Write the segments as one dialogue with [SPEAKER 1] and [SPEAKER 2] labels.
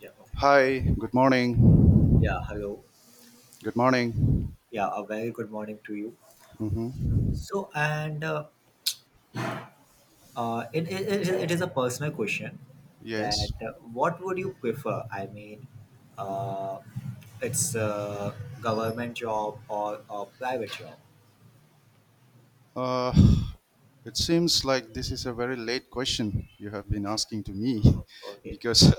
[SPEAKER 1] Yeah, okay.
[SPEAKER 2] Hi, good morning.
[SPEAKER 1] Yeah, hello.
[SPEAKER 2] Good morning.
[SPEAKER 1] Yeah, a very good morning to you.
[SPEAKER 2] Hmm.
[SPEAKER 1] So, and it, it, it it is a personal question that
[SPEAKER 2] Yes.
[SPEAKER 1] What would you prefer? Uh, it's a government job or a private job.
[SPEAKER 2] Uh, it seems like this is a very late question you have been asking to me
[SPEAKER 1] Okay.
[SPEAKER 2] because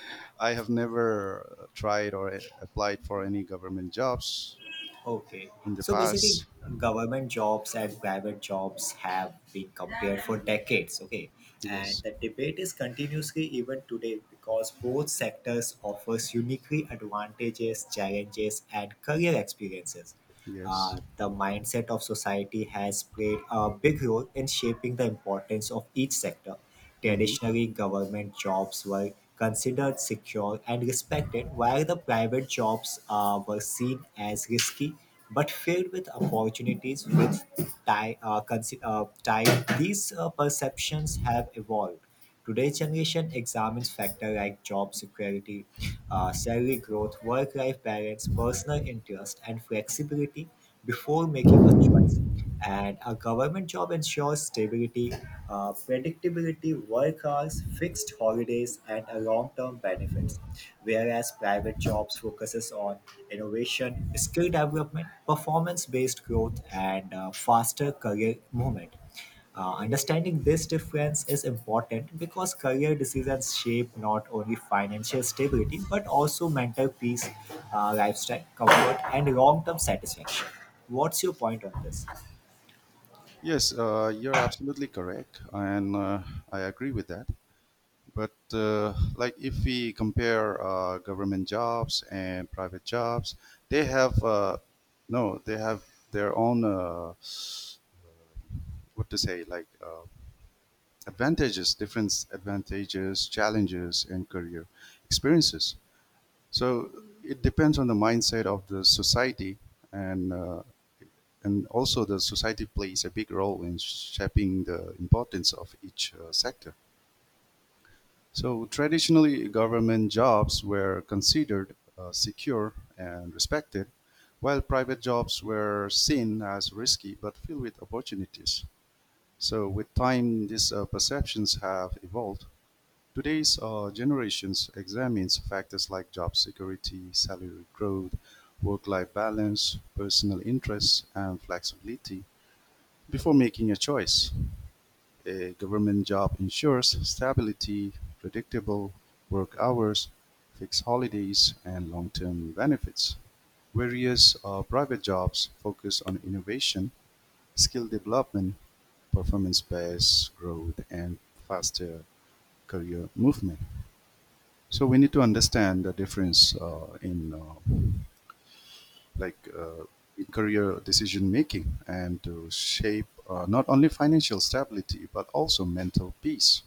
[SPEAKER 2] I have never tried or applied for any government jobs
[SPEAKER 1] Okay.
[SPEAKER 2] in the
[SPEAKER 1] So basically,
[SPEAKER 2] past.
[SPEAKER 1] government jobs and private jobs have been compared for decades. Okay. And
[SPEAKER 2] Yes,
[SPEAKER 1] the debate is continuously even today because both sectors offers uniquely advantages, challenges, and career experiences.
[SPEAKER 2] yes.
[SPEAKER 1] The mindset of society has played a big role in shaping the importance of each sector.
[SPEAKER 2] Hmm.
[SPEAKER 1] Traditionally, government jobs were considered secure and respected, while the private jobs were seen as risky but filled with opportunities. With tie, tie these perceptions have evolved. Today's generation examines factors like job security, salary growth, work life balance, personal interest, and flexibility before making a choice. And a government job ensures stability, predictability, work hours, fixed holidays, and a long-term benefits. Whereas private jobs focuses on innovation, skill development, performance-based growth, and faster career movement. Understanding this difference is important because career decisions shape not only financial stability but also mental peace, lifestyle, comfort, and long term satisfaction. What's your point on this?
[SPEAKER 2] Yes, you're absolutely correct, and I agree with that. But like if we compare government jobs and private jobs, they have no, they have their own, what to say, like, advantages, different advantages, challenges, and career experiences. So it depends on the mindset of the society, and uh, and also the society plays a big role in shaping the importance of each sector. So traditionally, government jobs were considered secure and respected, while private jobs were seen as risky but filled with opportunities. So with time, these perceptions have evolved. Today's generations examines factors like job security, salary growth, work-life balance, personal interests, and flexibility before making a choice. A government job ensures stability, predictable work hours, fixed holidays, and long-term benefits. Various private jobs focus on innovation, skill development, performance-based growth, and faster career movement. So we need to understand the difference like uh, in career decision making and to shape, not only financial stability but also mental peace.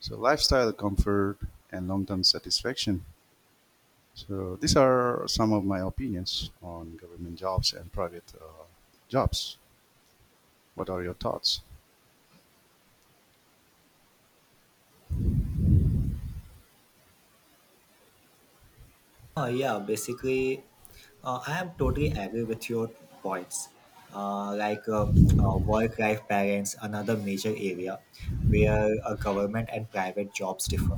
[SPEAKER 2] So lifestyle comfort and long-term satisfaction. So these are some of my opinions on government jobs and private, jobs. What are your thoughts?
[SPEAKER 1] Yeah, basically, I am totally agree with your points. Uh, like uh, work-life balance, another major area where government and private jobs differ.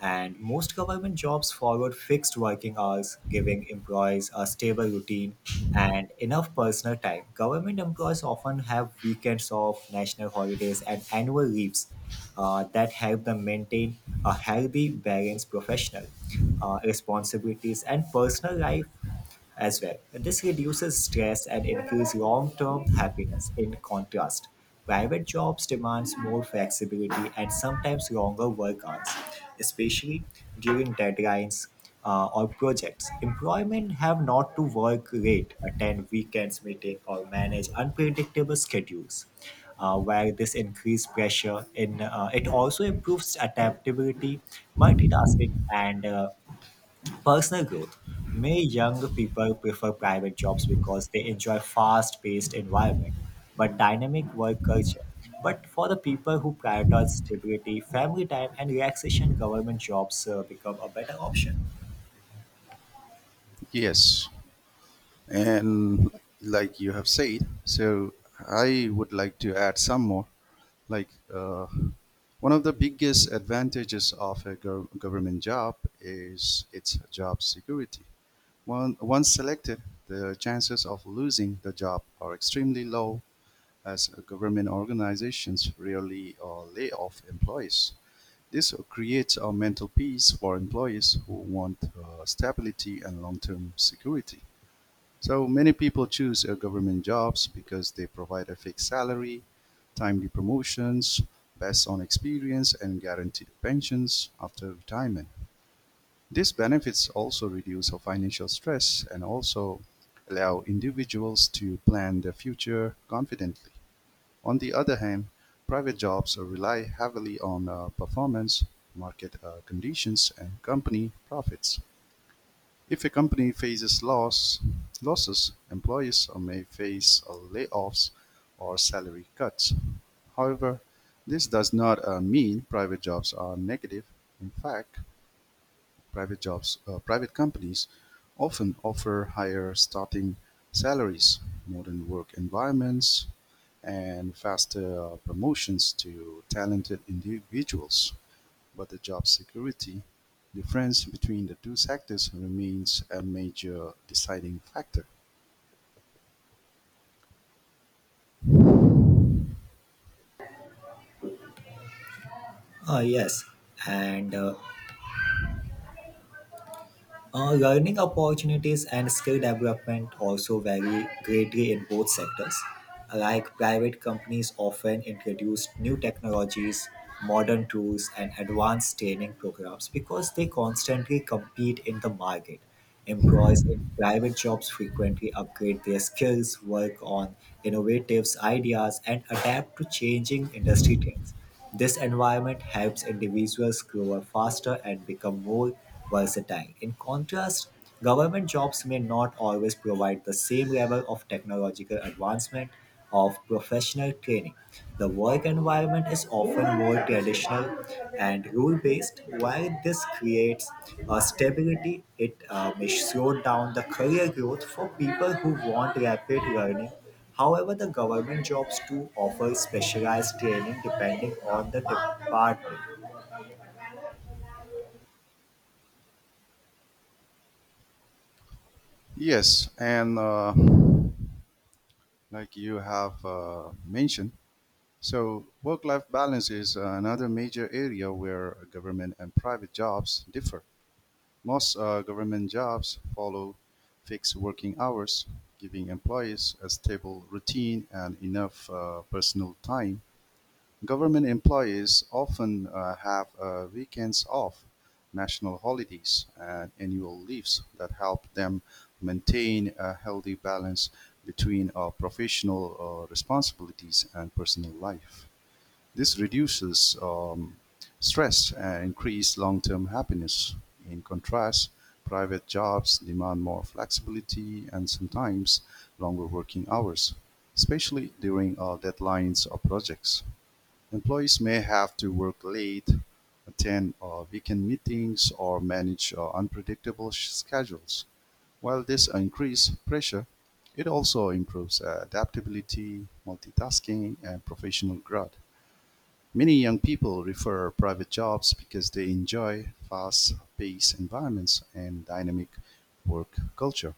[SPEAKER 1] And most government jobs follow fixed working hours, giving employees a stable routine and enough personal time. Government employees often have weekends off, national holidays, and annual leaves that help them maintain a healthy balance professional responsibilities and personal life as well. This reduces stress and improves long term happiness. In contrast, private jobs demands more flexibility and sometimes longer work hours, especially during deadlines or projects. Employment have not to work late, attend weekends meeting, or manage unpredictable schedules. Where this increased pressure in it also improves adaptability, multitasking, and personal growth. May young people prefer private jobs because they enjoy fast paced environment but dynamic work culture. But for the people who prioritize stability, family time and relaxation, government jobs become a better option.
[SPEAKER 2] Yes, and like you have said, so I would like to add some more. Like, one of the biggest advantages of a government job is its job security. Once selected, the chances of losing the job are extremely low as government organizations rarely lay off employees. This creates a mental peace for employees who want stability and long term security. So many people choose government jobs because they provide a fixed salary, timely promotions, based on experience, and guaranteed pensions after retirement. These benefits also reduce financial stress and also allow individuals to plan their future confidently. On the other hand, private jobs rely heavily on performance, market conditions, and company profits. If a company faces losses, employees may face layoffs or salary cuts. However, this does not mean private jobs are negative. In fact, private companies often offer higher starting salaries, modern work environments, and faster promotions to talented individuals, but the job security difference between the two sectors remains a major deciding factor.
[SPEAKER 1] Yes, and learning opportunities and skill development also vary greatly in both sectors. Like private companies often introduce new technologies, modern tools, and advanced training programs because they constantly compete in the market. Employees in private jobs frequently upgrade their skills, work on innovative ideas, and adapt to changing industry trends. This environment helps individuals grow faster and become more versatile. In contrast, government jobs may not always provide the same level of technological advancement of professional training. The work environment is often more traditional and rule based. While this creates a stability, it may slow down the career growth for people who want rapid learning. However, the government jobs do offer specialized training depending on the department.
[SPEAKER 2] Yes, and like you have mentioned, so work life balance is another major area where government and private jobs differ. Most government jobs follow fixed working hours, giving employees a stable routine and enough personal time. Government employees often have weekends off, national holidays, and annual leaves that help them maintain a healthy balance between professional responsibilities and personal life. This reduces stress and increases long-term happiness. In contrast, private jobs demand more flexibility and sometimes longer working hours, especially during deadlines or projects. Employees may have to work late, attend weekend meetings, or manage unpredictable schedules. While this increases pressure, it also improves adaptability, multitasking, and professional growth. Many young people prefer private jobs because they enjoy fast-paced environments and dynamic work culture.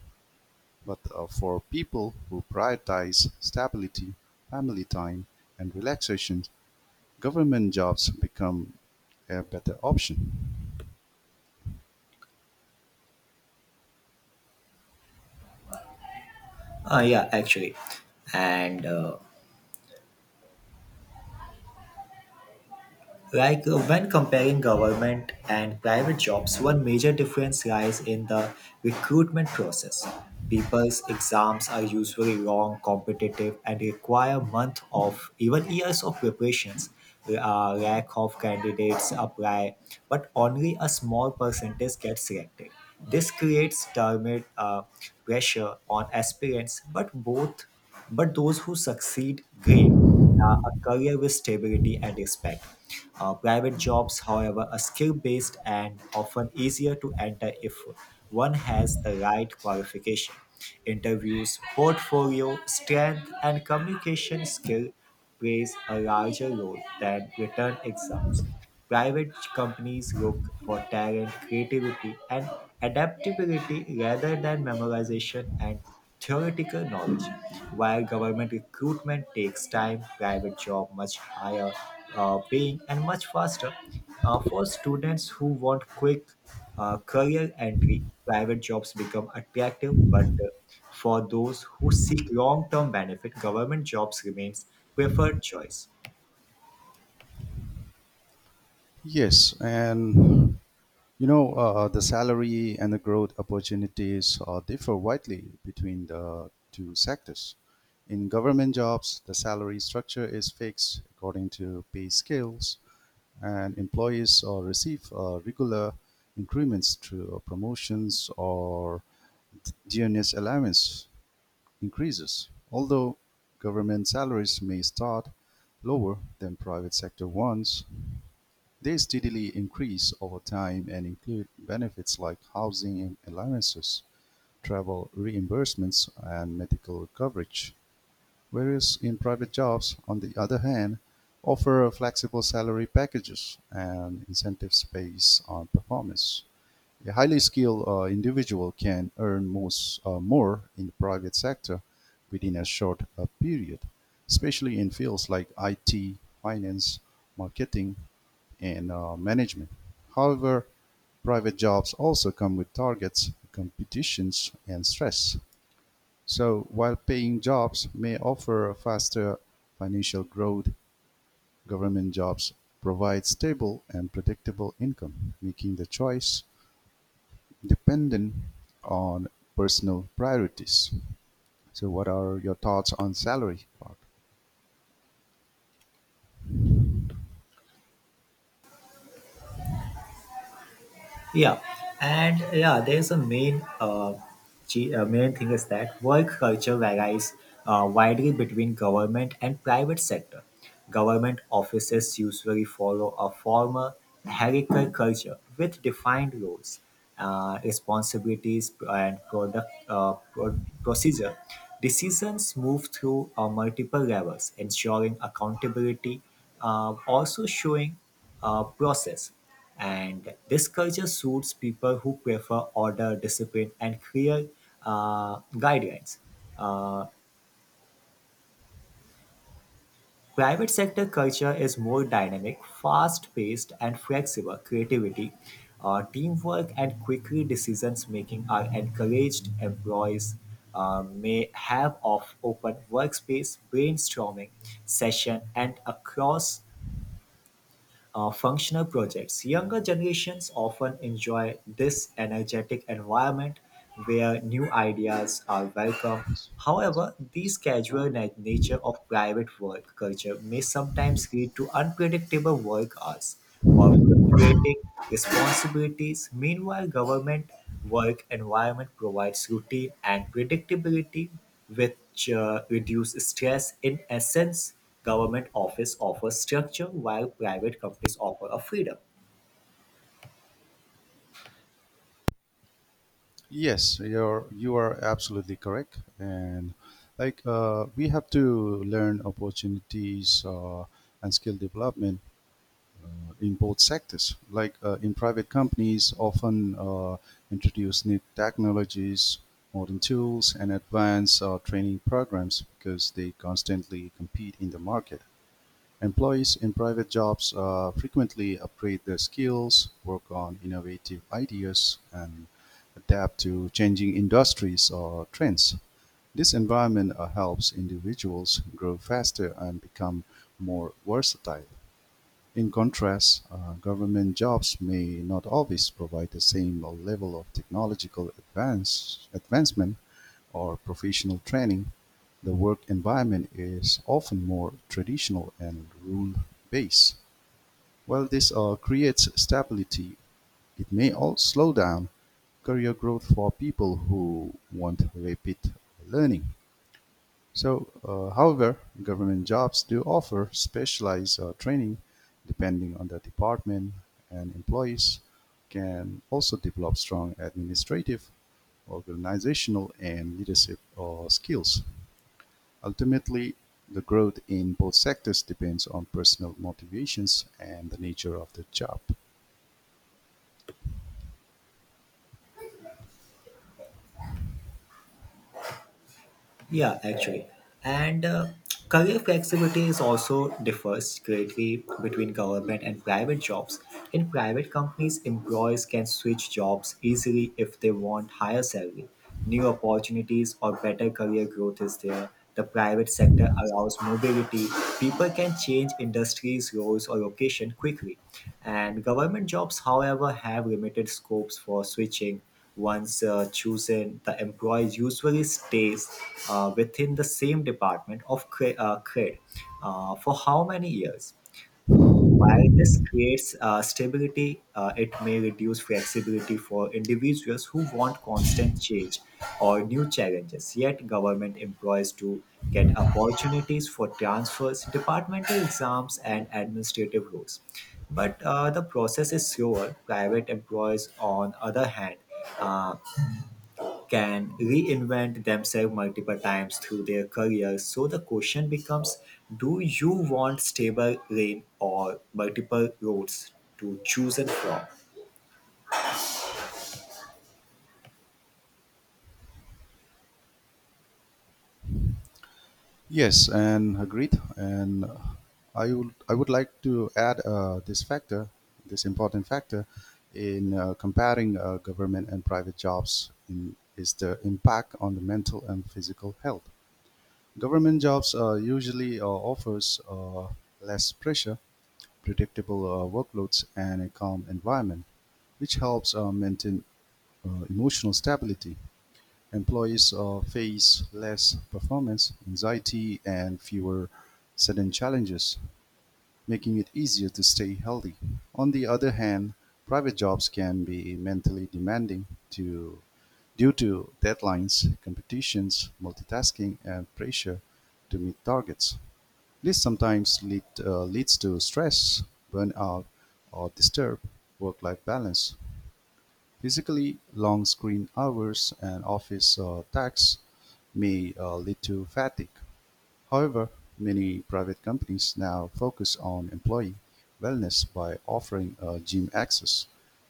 [SPEAKER 2] But for people who prioritize stability, family time, and relaxation, government jobs become a better option.
[SPEAKER 1] Yeah, actually. And Like When comparing government and private jobs, one major difference lies in the recruitment process. People's exams are usually long, competitive, and require months of even years of preparations. A lack of candidates apply, but only a small percentage gets selected. This creates termit pressure on aspirants, but those who succeed gain a career with stability and respect. Private jobs, however, are skill based and often easier to enter if one has the right qualification. Interviews, portfolio, strength, and communication skill plays a larger role than written exams. Private companies look for talent, creativity, and adaptability rather than memorization and theoretical knowledge. While government recruitment takes time, private job much higher paying and much faster. For students who want quick career entry, private jobs become attractive, but for those who seek long-term benefit, government jobs remains preferred choice.
[SPEAKER 2] Yes, and the salary and the growth opportunities differ widely between the two sectors. In government jobs, the salary structure is fixed according to pay scales, and employees receive regular increments through promotions or dearness allowance increases. Although government salaries may start lower than private sector ones, they steadily increase over time and include benefits like housing allowances, travel reimbursements, and medical coverage, whereas in-private jobs, on the other hand, offer flexible salary packages and incentives based on performance. A highly skilled individual can earn more in the private sector within a short period, especially in fields like IT, finance, marketing, and management; however, private jobs also come with targets, competitions, and stress, so while paying jobs may offer faster financial growth, government jobs provide stable and predictable income, making the choice dependent on personal priorities. So, what are your thoughts on salary part?
[SPEAKER 1] Yeah, and yeah, there's a main g- main thing is that work culture varies widely between government and private sector. Government offices usually follow a formal hierarchical culture with defined roles, responsibilities, and procedure. Decisions move through multiple levels, ensuring accountability, also showing process, and this culture suits people who prefer order, discipline, and clear guidelines. Uh, Private sector culture is more dynamic, fast-paced, and flexible. Creativity, teamwork, and quickly decisions-making are encouraged. Employees may have of open workspace, brainstorming session, and across functional projects. Younger generations often enjoy this energetic environment where new ideas are welcome. However, the casual nature of private work culture may sometimes lead to unpredictable work hours of creating responsibilities. Meanwhile, government work environment provides routine and predictability, which reduce stress. In essence, government office offers structure, while private companies offer a freedom.
[SPEAKER 2] Yes, you are absolutely correct, and like we have to learn opportunities and skill development in both sectors. Like in private companies, often introduce new technologies, modern tools, and advanced training programs because they constantly compete in the market. Employees in private jobs frequently upgrade their skills, work on innovative ideas, and adapt to changing industries or trends. This environment helps individuals grow faster and become more versatile. In contrast, government jobs may not always provide the same level of technological advancement or professional training. The work environment is often more traditional and rule based. While this all creates stability, it may also slow down career growth for people who want rapid learning. So, however, government jobs do offer specialized training depending on the department, and employees can also develop strong administrative, organizational, and leadership skills. Ultimately, the growth in both sectors depends on personal motivations and the nature of the job.
[SPEAKER 1] Yeah, actually. And Career flexibility is also differs greatly between government and private jobs. In private companies, employees can switch jobs easily if they want higher salary, new opportunities, or better career growth is there. The private sector allows mobility. People can change industries, roles, or location quickly. And government jobs, however, have limited scopes for switching once chosen, the employee usually stays within the same department of credit for how many years? While this creates stability, it may reduce flexibility for individuals who want constant change or new challenges. Yet, government employees do get opportunities for transfers, departmental exams, and administrative roles. But the process is slower. Private employees, on other hand, uh, can reinvent themselves multiple times through their careers. So the question becomes, do you want stable rain or multiple roads to choose and from?
[SPEAKER 2] Yes, and agreed. And I would like to add, this factor, this important factor, in comparing government and private jobs, is the impact on the mental and physical health. Government jobs usually offers, less pressure, predictable workloads, and a calm environment, which helps maintain emotional stability. Employees face less performance anxiety and fewer sudden challenges, making it easier to stay healthy. On the other hand, private jobs can be mentally demanding, to, due to deadlines, competitions, multitasking, and pressure to meet targets. This sometimes leads to stress, burnout, or disturbed work life balance. Physically, long screen hours and office tax may lead to fatigue; however, many private companies now focus on employee wellness by offering gym access,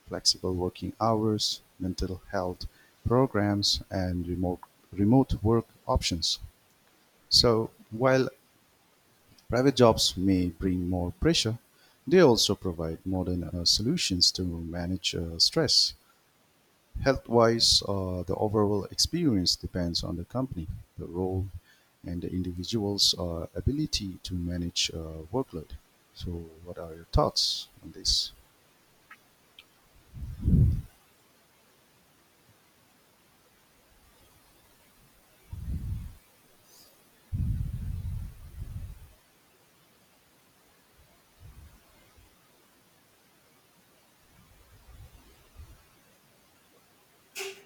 [SPEAKER 2] flexible working hours, mental health programs, and remote work options. So, while private jobs may bring more pressure, they also provide modern solutions to manage stress health wise, the overall experience depends on the company, the role, and the individual's ability to manage workload. So, what are your thoughts on this?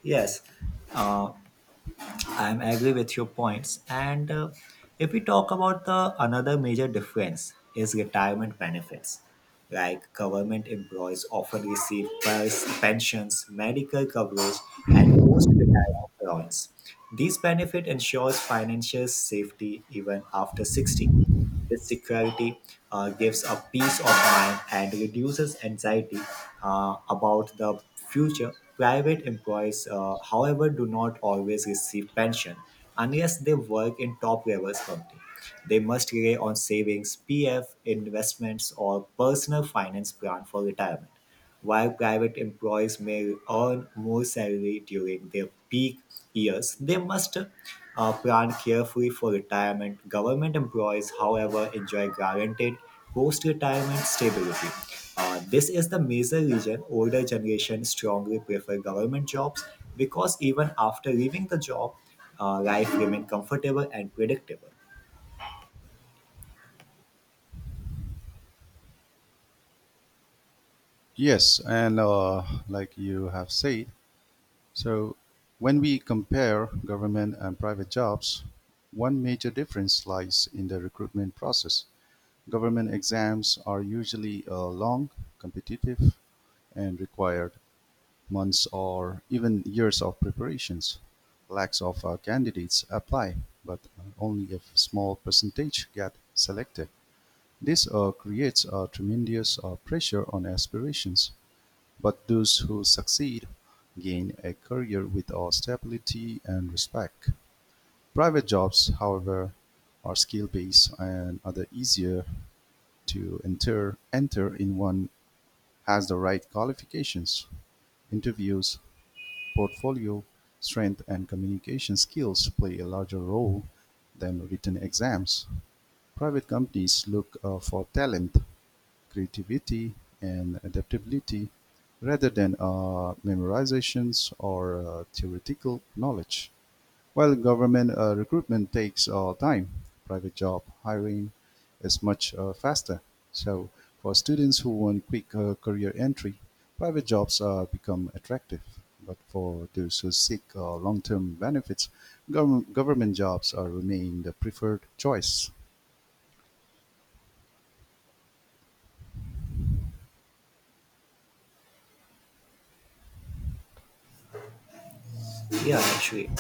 [SPEAKER 1] Yes, uh, I'm agree with your points. And if we talk about the another major difference is retirement benefits. Like government employees often receive pensions, medical coverage, and post-retirement allowance. These benefit ensures financial safety even after 60. This security gives a peace of mind and reduces anxiety about the future. Private employees, however, do not always receive pension unless they work in top levels company. They must rely on savings, PF, investments, or personal finance plan for retirement. While private employees may earn more salary during their peak years, they must plan carefully for retirement. Government employees, however, enjoy guaranteed post retirement stability. This is the major reason older generations strongly prefer government jobs because even after leaving the job, life remains comfortable and predictable.
[SPEAKER 2] Yes, and like you have said, so when we compare government and private jobs, one major difference lies in the recruitment process. Government exams are usually long, competitive, and required months or even years of preparations. Lakhs of candidates apply, but only a small percentage get selected. This creates a tremendous pressure on aspirations, but those who succeed gain a career with stability and respect. Private jobs, however, are skill-based and are the easier to enter in one has the right qualifications. Interviews, portfolio strength, and communication skills play a larger role than written exams. Private companies look for talent, creativity, and adaptability rather than memorizations or theoretical knowledge. While government recruitment takes time, private job hiring is much faster. So for students who want quick career entry, private jobs become attractive. But for those who seek long-term benefits, government jobs remain the preferred choice.
[SPEAKER 1] Yeah, actually.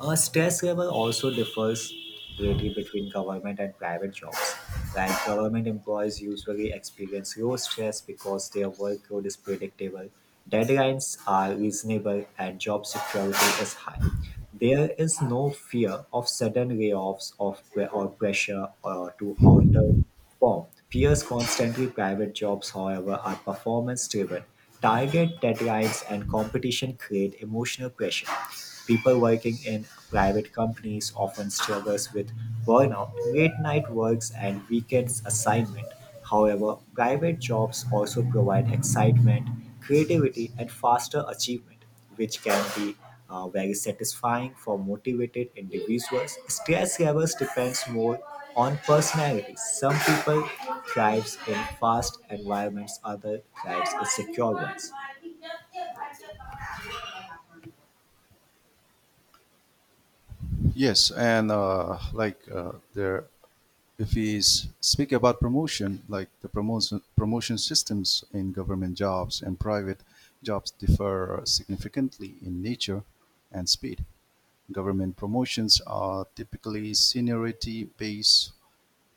[SPEAKER 1] Stress level also differs greatly between government and private jobs. Like government employees usually experience low stress because their workload is predictable, deadlines are reasonable, and job security is high. There is no fear of sudden layoffs of or pressure or to alter form. Peers constantly private jobs, however, are performance driven. Target deadlines and competition create emotional pressure. People working in private companies often struggles with burnout, late night works, and weekends assignment. However, private jobs also provide excitement, creativity, and faster achievement which can be very satisfying for motivated individuals. Stress levels depends more on personality. Some people thrives in fast environments, other thrives in secure ones.
[SPEAKER 2] Yes, and like there if we speak about promotion, like the promotion systems in government jobs and private jobs differ significantly in nature and speed. Government promotions are typically seniority based,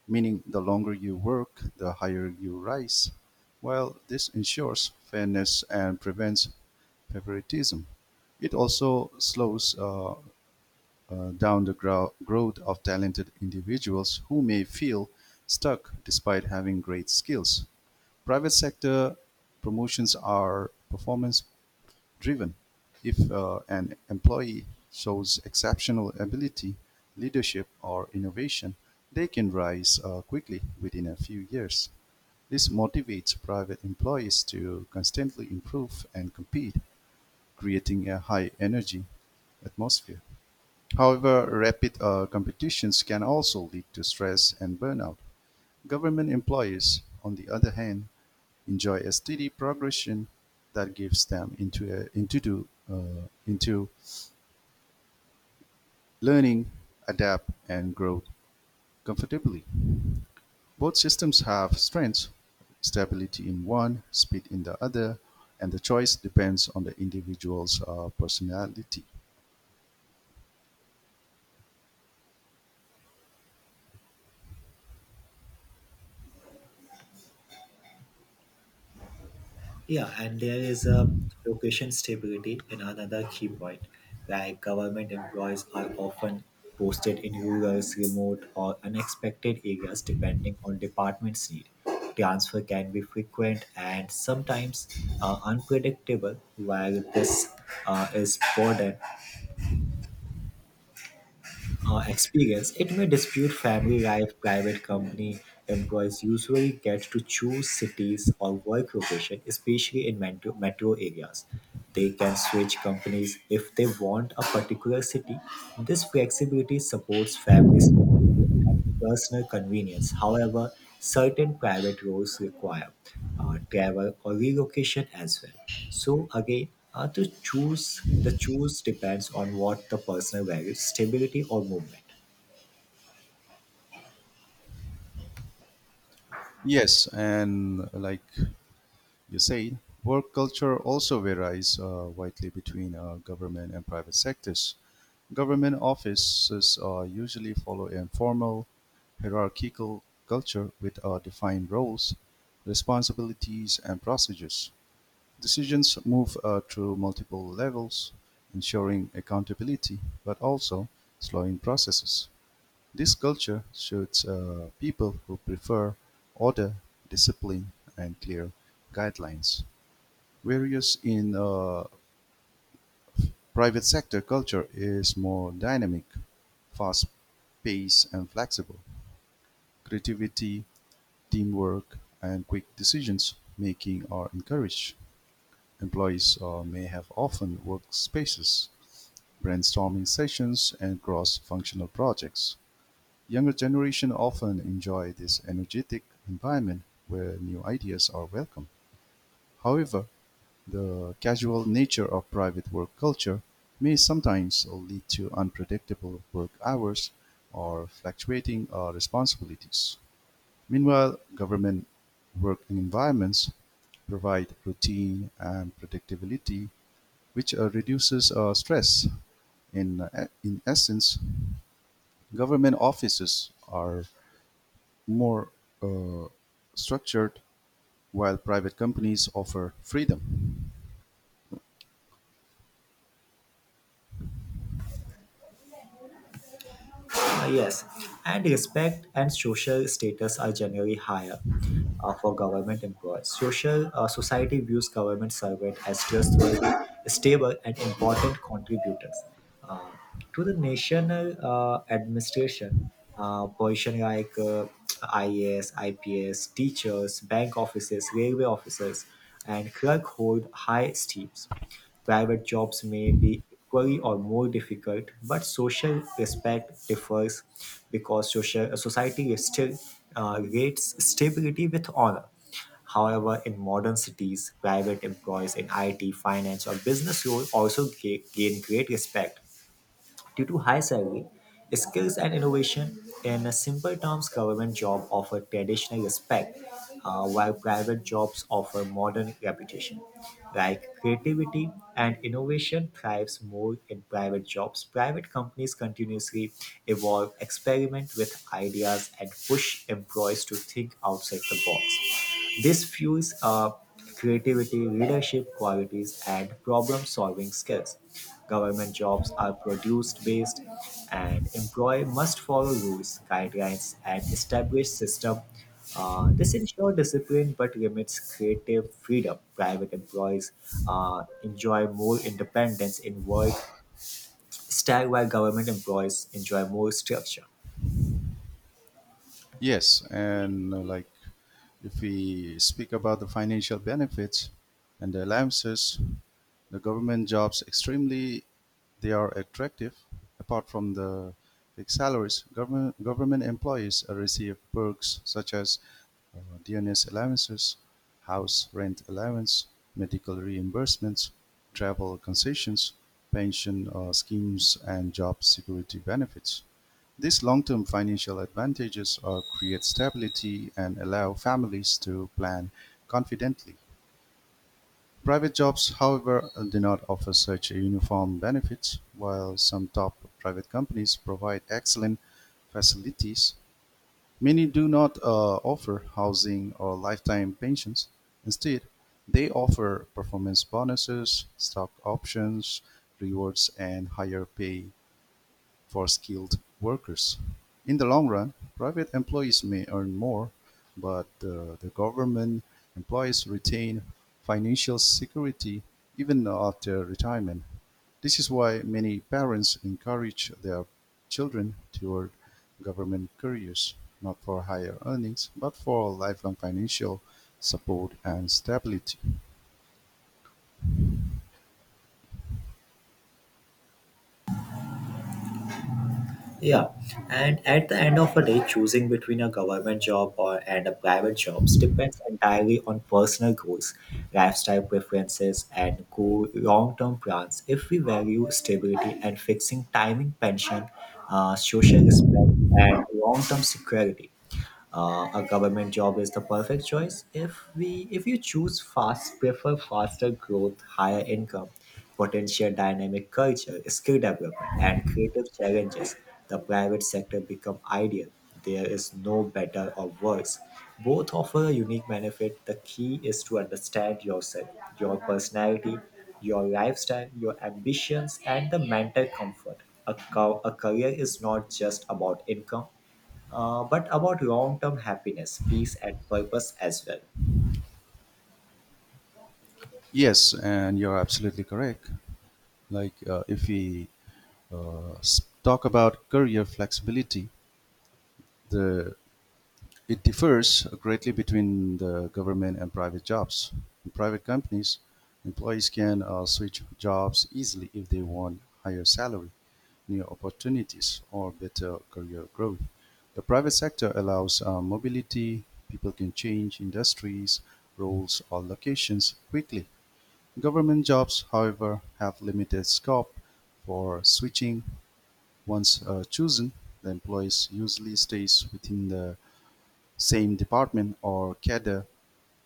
[SPEAKER 2] meaning the longer you work, the higher you rise. While this ensures fairness and prevents favoritism, it also slows down the growth of talented individuals who may feel stuck despite having great skills. Private sector promotions are performance driven. If an employee shows exceptional ability, leadership, or innovation, they can rise quickly within a few years. This motivates private employees to constantly improve and compete, creating a high energy atmosphere. However, rapid competitions can also lead to stress and burnout. Government employees, on the other hand, enjoy a steady progression that gives them into a, into do, into learning, adapt, and grow comfortably. Both systems have strengths: stability in one, speed in the other, and the choice depends on the individual's personality.
[SPEAKER 1] Yeah, and there is a location stability in another key point. Like government employees are often posted in rural, remote, or unexpected areas depending on department's need. Transfer can be frequent and sometimes unpredictable, while this is burden experience, it may dispute family life. Private company employees usually get to choose cities or work location, especially in metro areas. They can switch companies if they want a particular city. This flexibility supports family stability and personal convenience. However, certain private roles require travel or relocation as well. So, again, the choose depends on what the personal values, stability or movement.
[SPEAKER 2] Yes, and like you said, work culture also varies widely between government and private sectors. Government offices usually follow a formal, hierarchical culture with defined roles, responsibilities, and procedures. Decisions move through multiple levels, ensuring accountability but also slowing processes. This culture suits people who prefer order, discipline, and clear guidelines. Whereas in the private sector, culture is more dynamic, fast-paced and flexible. Creativity, teamwork, and quick decisions making are encouraged. Employees may have often workspaces, brainstorming sessions, and cross-functional projects. Younger generation often enjoy this energetic environment where new ideas are welcome. However, the casual nature of private work culture may sometimes lead to unpredictable work hours or fluctuating responsibilities. Meanwhile, government work environments provide routine and predictability, which reduces stress. In essence, government offices are more uh, structured while private companies offer freedom.
[SPEAKER 1] Yes, and respect and social status are generally higher for government employees. Social society views government servant as trustworthy, stable, and important contributors uh, to the national administration. Position like IAS, IPS, teachers, bank officers, railway officers, and clerk hold high esteems. Private jobs may be equally or more difficult, but social respect differs because social society still rates stability with honor. However, in modern cities, private employees in IT, finance, or business roles also gain great respect due to high salary, skills, and innovation. In simple terms, government jobs offer traditional respect, while private jobs offer modern reputation. Like creativity and innovation thrives more in private jobs. Private companies continuously evolve, experiment with ideas, and push employees to think outside the box. This fuels up creativity, leadership qualities, and problem solving skills. Government jobs are produced based, and employer must follow rules, guidelines, and established system. This ensures discipline but limits creative freedom. Private employees enjoy more independence in work style, while government employees enjoy more structure.
[SPEAKER 2] Yes, and like, if we speak about the financial benefits and the allowances, the government jobs extremely they are attractive. Apart from the big salaries, government employees receive perks such as DNS allowances, house rent allowance, medical reimbursements, travel concessions, pension schemes, and job security benefits. These long-term financial advantages are create stability and allow families to plan confidently. Private jobs, however, do not offer such a uniform benefits. While some top private companies provide excellent facilities, many do not offer housing or lifetime pensions. Instead, they offer performance bonuses, stock options, rewards, and higher pay for skilled workers. In the long run, private employees may earn more, but the government employees retain financial security even after retirement. This is why many parents encourage their children toward government careers, not for higher earnings, but for lifelong financial support and stability.
[SPEAKER 1] Yeah, and at the end of a day, choosing between a government job or and a private jobs depends entirely on personal goals, lifestyle preferences, and go long-term plans. If we value stability and fixing timing, pension, social respect, and long-term security, a government job is the perfect choice if we if you choose fast prefer faster growth, higher income, potential dynamic culture, skill development, and creative challenges. The private sector become ideal. There is no better or worse. Both offer a unique benefit. The key is to understand yourself, your personality, your lifestyle, your ambitions, and the mental comfort. A career is not just about income, but about long term happiness, peace, and purpose as well.
[SPEAKER 2] Yes, and you're absolutely correct. Like if we talk about career flexibility, the it differs greatly between the government and private jobs. In private companies, employees can switch jobs easily if they want higher salary, new opportunities, or better career growth. The private sector allows mobility. People can change industries, roles, or locations quickly. Government jobs, however, have limited scope for switching. Once chosen, the employees usually stays within the same department or cadre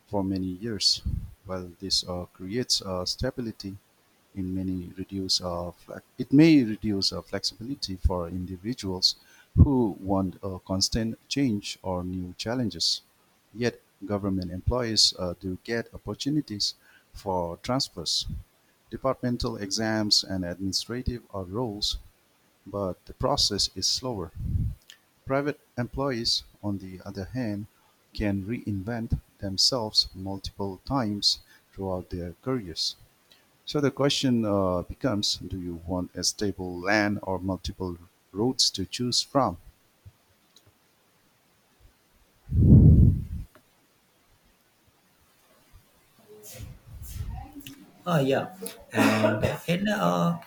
[SPEAKER 2] for many years. While this creates stability, in many reduce it may reduce flexibility for individuals who want constant change or new challenges. Yet, government employees do get opportunities for transfers, departmental exams, and administrative roles, but the process is slower. Private employees, on the other hand, can reinvent themselves multiple times throughout their careers. So the question becomes, do you want a stable land or multiple routes to choose from?
[SPEAKER 1] Ah, yeah. And in a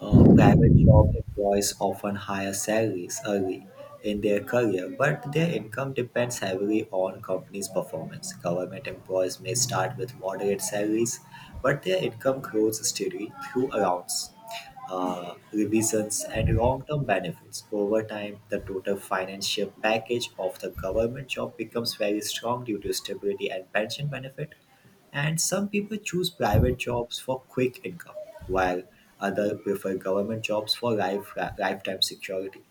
[SPEAKER 1] private job, employees often higher salaries early in their career, but their income depends heavily on company's performance. Government employees may start with moderate salaries, but their income grows steadily through rounds. Revisions, and long term benefits. Over time, the total financial package of the government job becomes very strong due to stability and pension benefit. And some people choose private jobs for quick income, while others prefer government jobs for lifetime security.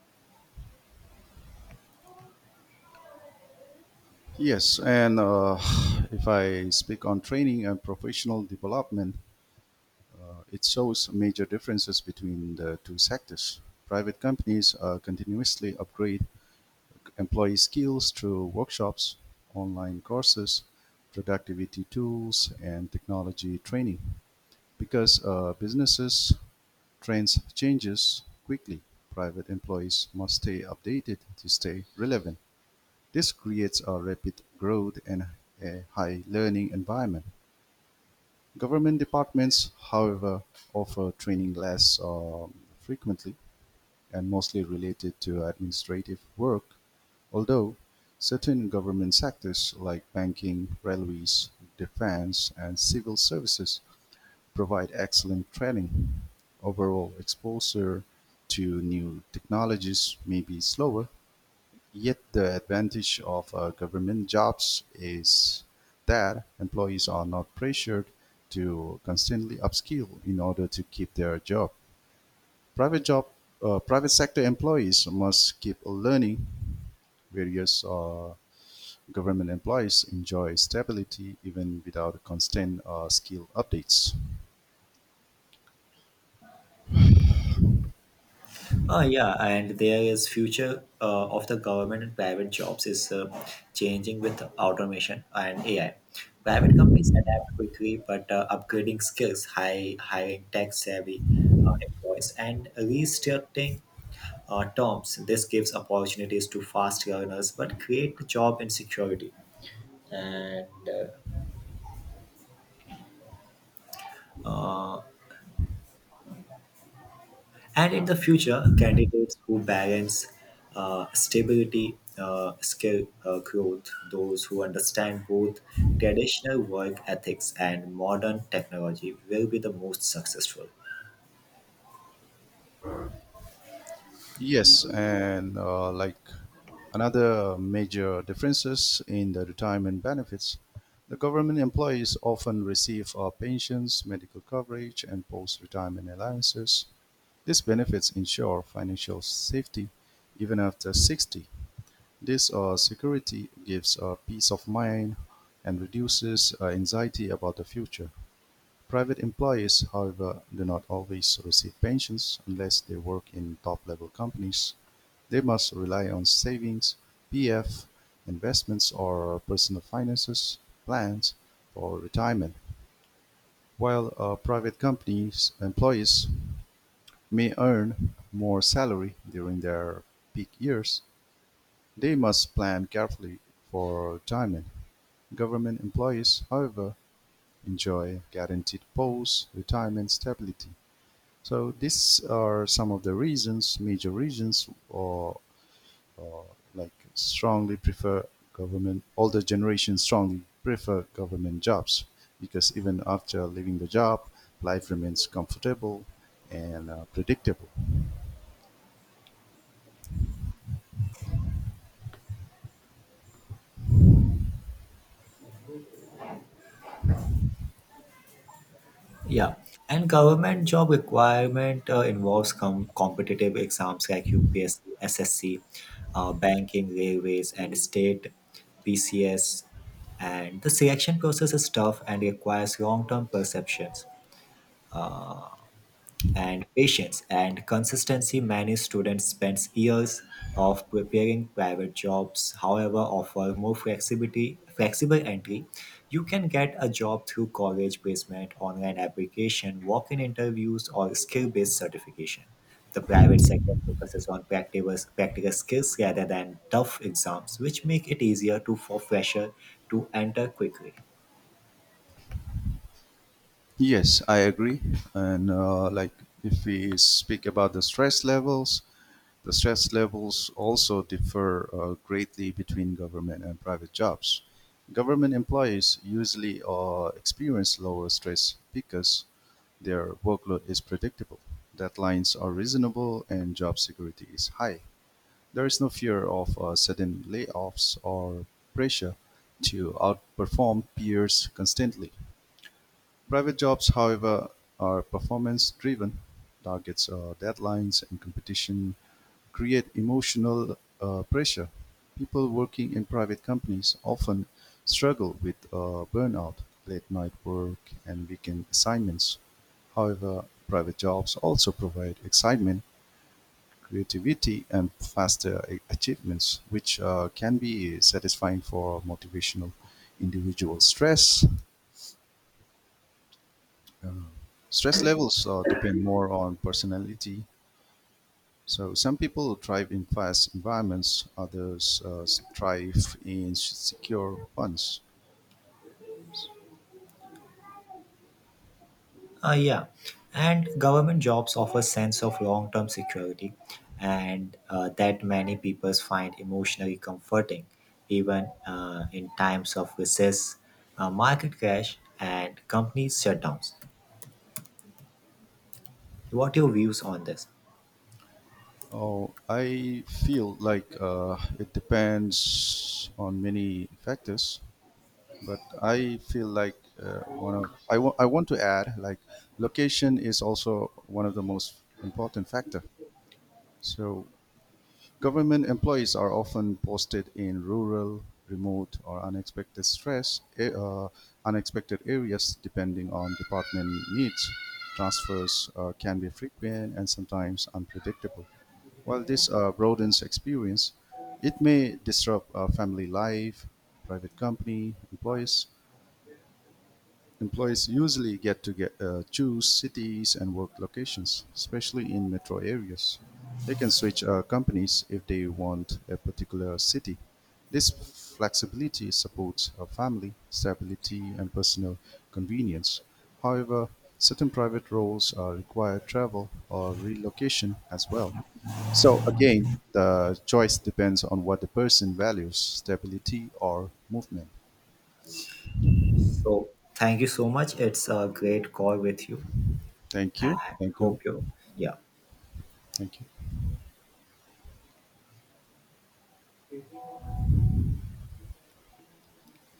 [SPEAKER 2] Yes, and if I speak on training and professional development, it shows major differences between the two sectors. Private companies continuously upgrade employee skills through workshops, online courses, productivity tools, and technology training. Because businesses trends changes quickly, private employees must stay updated to stay relevant. This creates a rapid growth and a high learning environment. Government departments, however, offer training less frequently and mostly related to administrative work. Although certain government sectors like banking, railways, defense, and civil services provide excellent training, overall exposure to new technologies may be slower, yet the advantage of government jobs is that employees are not pressured to constantly upskill in order to keep their job. Private job, private sector employees must keep learning various government employees enjoy stability even without constant skill updates.
[SPEAKER 1] Yeah, and there is future of the government and private jobs is changing with automation and AI. Private companies adapt quickly, but upgrading skills, high hiring tech-savvy employees, and restructuring terms. This gives opportunities to fast learners, but create job insecurity. And uh, uh, And in the future, candidates who balance stability, skill growth, those who understand both traditional work ethics and modern technology will be the most successful.
[SPEAKER 2] Yes, and like another major differences in the retirement benefits, the government employees often receive pensions, medical coverage, and post-retirement allowances. These benefits ensure financial safety even after 60. This security gives peace of mind and reduces anxiety about the future. Private employees, however, do not always receive pensions unless they work in top-level companies; they must rely on savings, PF, investments or personal finances plans for retirement, while a private company's employees may earn more salary during their peak years. They must plan carefully for retirement. Government employees, however, enjoy guaranteed post-retirement stability. So these are some of the reasons, major reasons, or like strongly prefer government. Older generation strongly prefer government jobs because even after leaving the job, life remains comfortable and predictable.
[SPEAKER 1] Yeah, and government job requirement involves competitive exams like UPSC, SSC, banking, railways, and state PCS. And the selection process is tough and requires long term perceptions and patience and consistency. Many students spend years of preparing private jobs, however, offer more flexibility flexible entry. You can get a job through college placement, online application, walk-in interviews, or skill-based certification. The private sector focuses on practical skills rather than tough exams which make it easier to for fresher to enter quickly.
[SPEAKER 2] Yes, I agree. And like if we speak about the stress levels also differ greatly between government and private jobs. Government employees usually experience lower stress because their workload is predictable, deadlines are reasonable, and job security is high. There is no fear of sudden layoffs or pressure to outperform peers constantly. Private jobs, however, are performance-driven; targets, deadlines, and competition create emotional pressure. People working in private companies often struggle with burnout, late-night work, and weekend assignments. However, private jobs also provide excitement, creativity, and faster achievements, which can be satisfying for motivational individuals. Um, Stress levels depend more on personality. So some people thrive in fast environments, others thrive in secure ones.
[SPEAKER 1] Yeah, and government jobs offer sense of long-term security, and that many people find emotionally comforting, even in times of recess, market crash, and company shutdowns. What are your views on this?
[SPEAKER 2] Oh, I feel like it depends on many factors, but I feel like one of I want to add, like, location is also one of the most important factor. So government employees are often posted in rural, remote, or unexpected areas depending on department needs. Transfers can be frequent and sometimes unpredictable. While this broadens experience, it may disrupt family life, private company, employees, employees usually get to choose cities and work locations, especially in metro areas. They can switch companies if they want a particular city. This flexibility supports a family, stability, and personal convenience. However, certain private roles require travel or relocation as well. So, again, the choice depends on what the person values, stability or movement.
[SPEAKER 1] So, thank you so much. It's a great call with you,
[SPEAKER 2] Thank
[SPEAKER 1] and
[SPEAKER 2] you. Thank you.
[SPEAKER 1] hope you, yeah.
[SPEAKER 2] Thank you.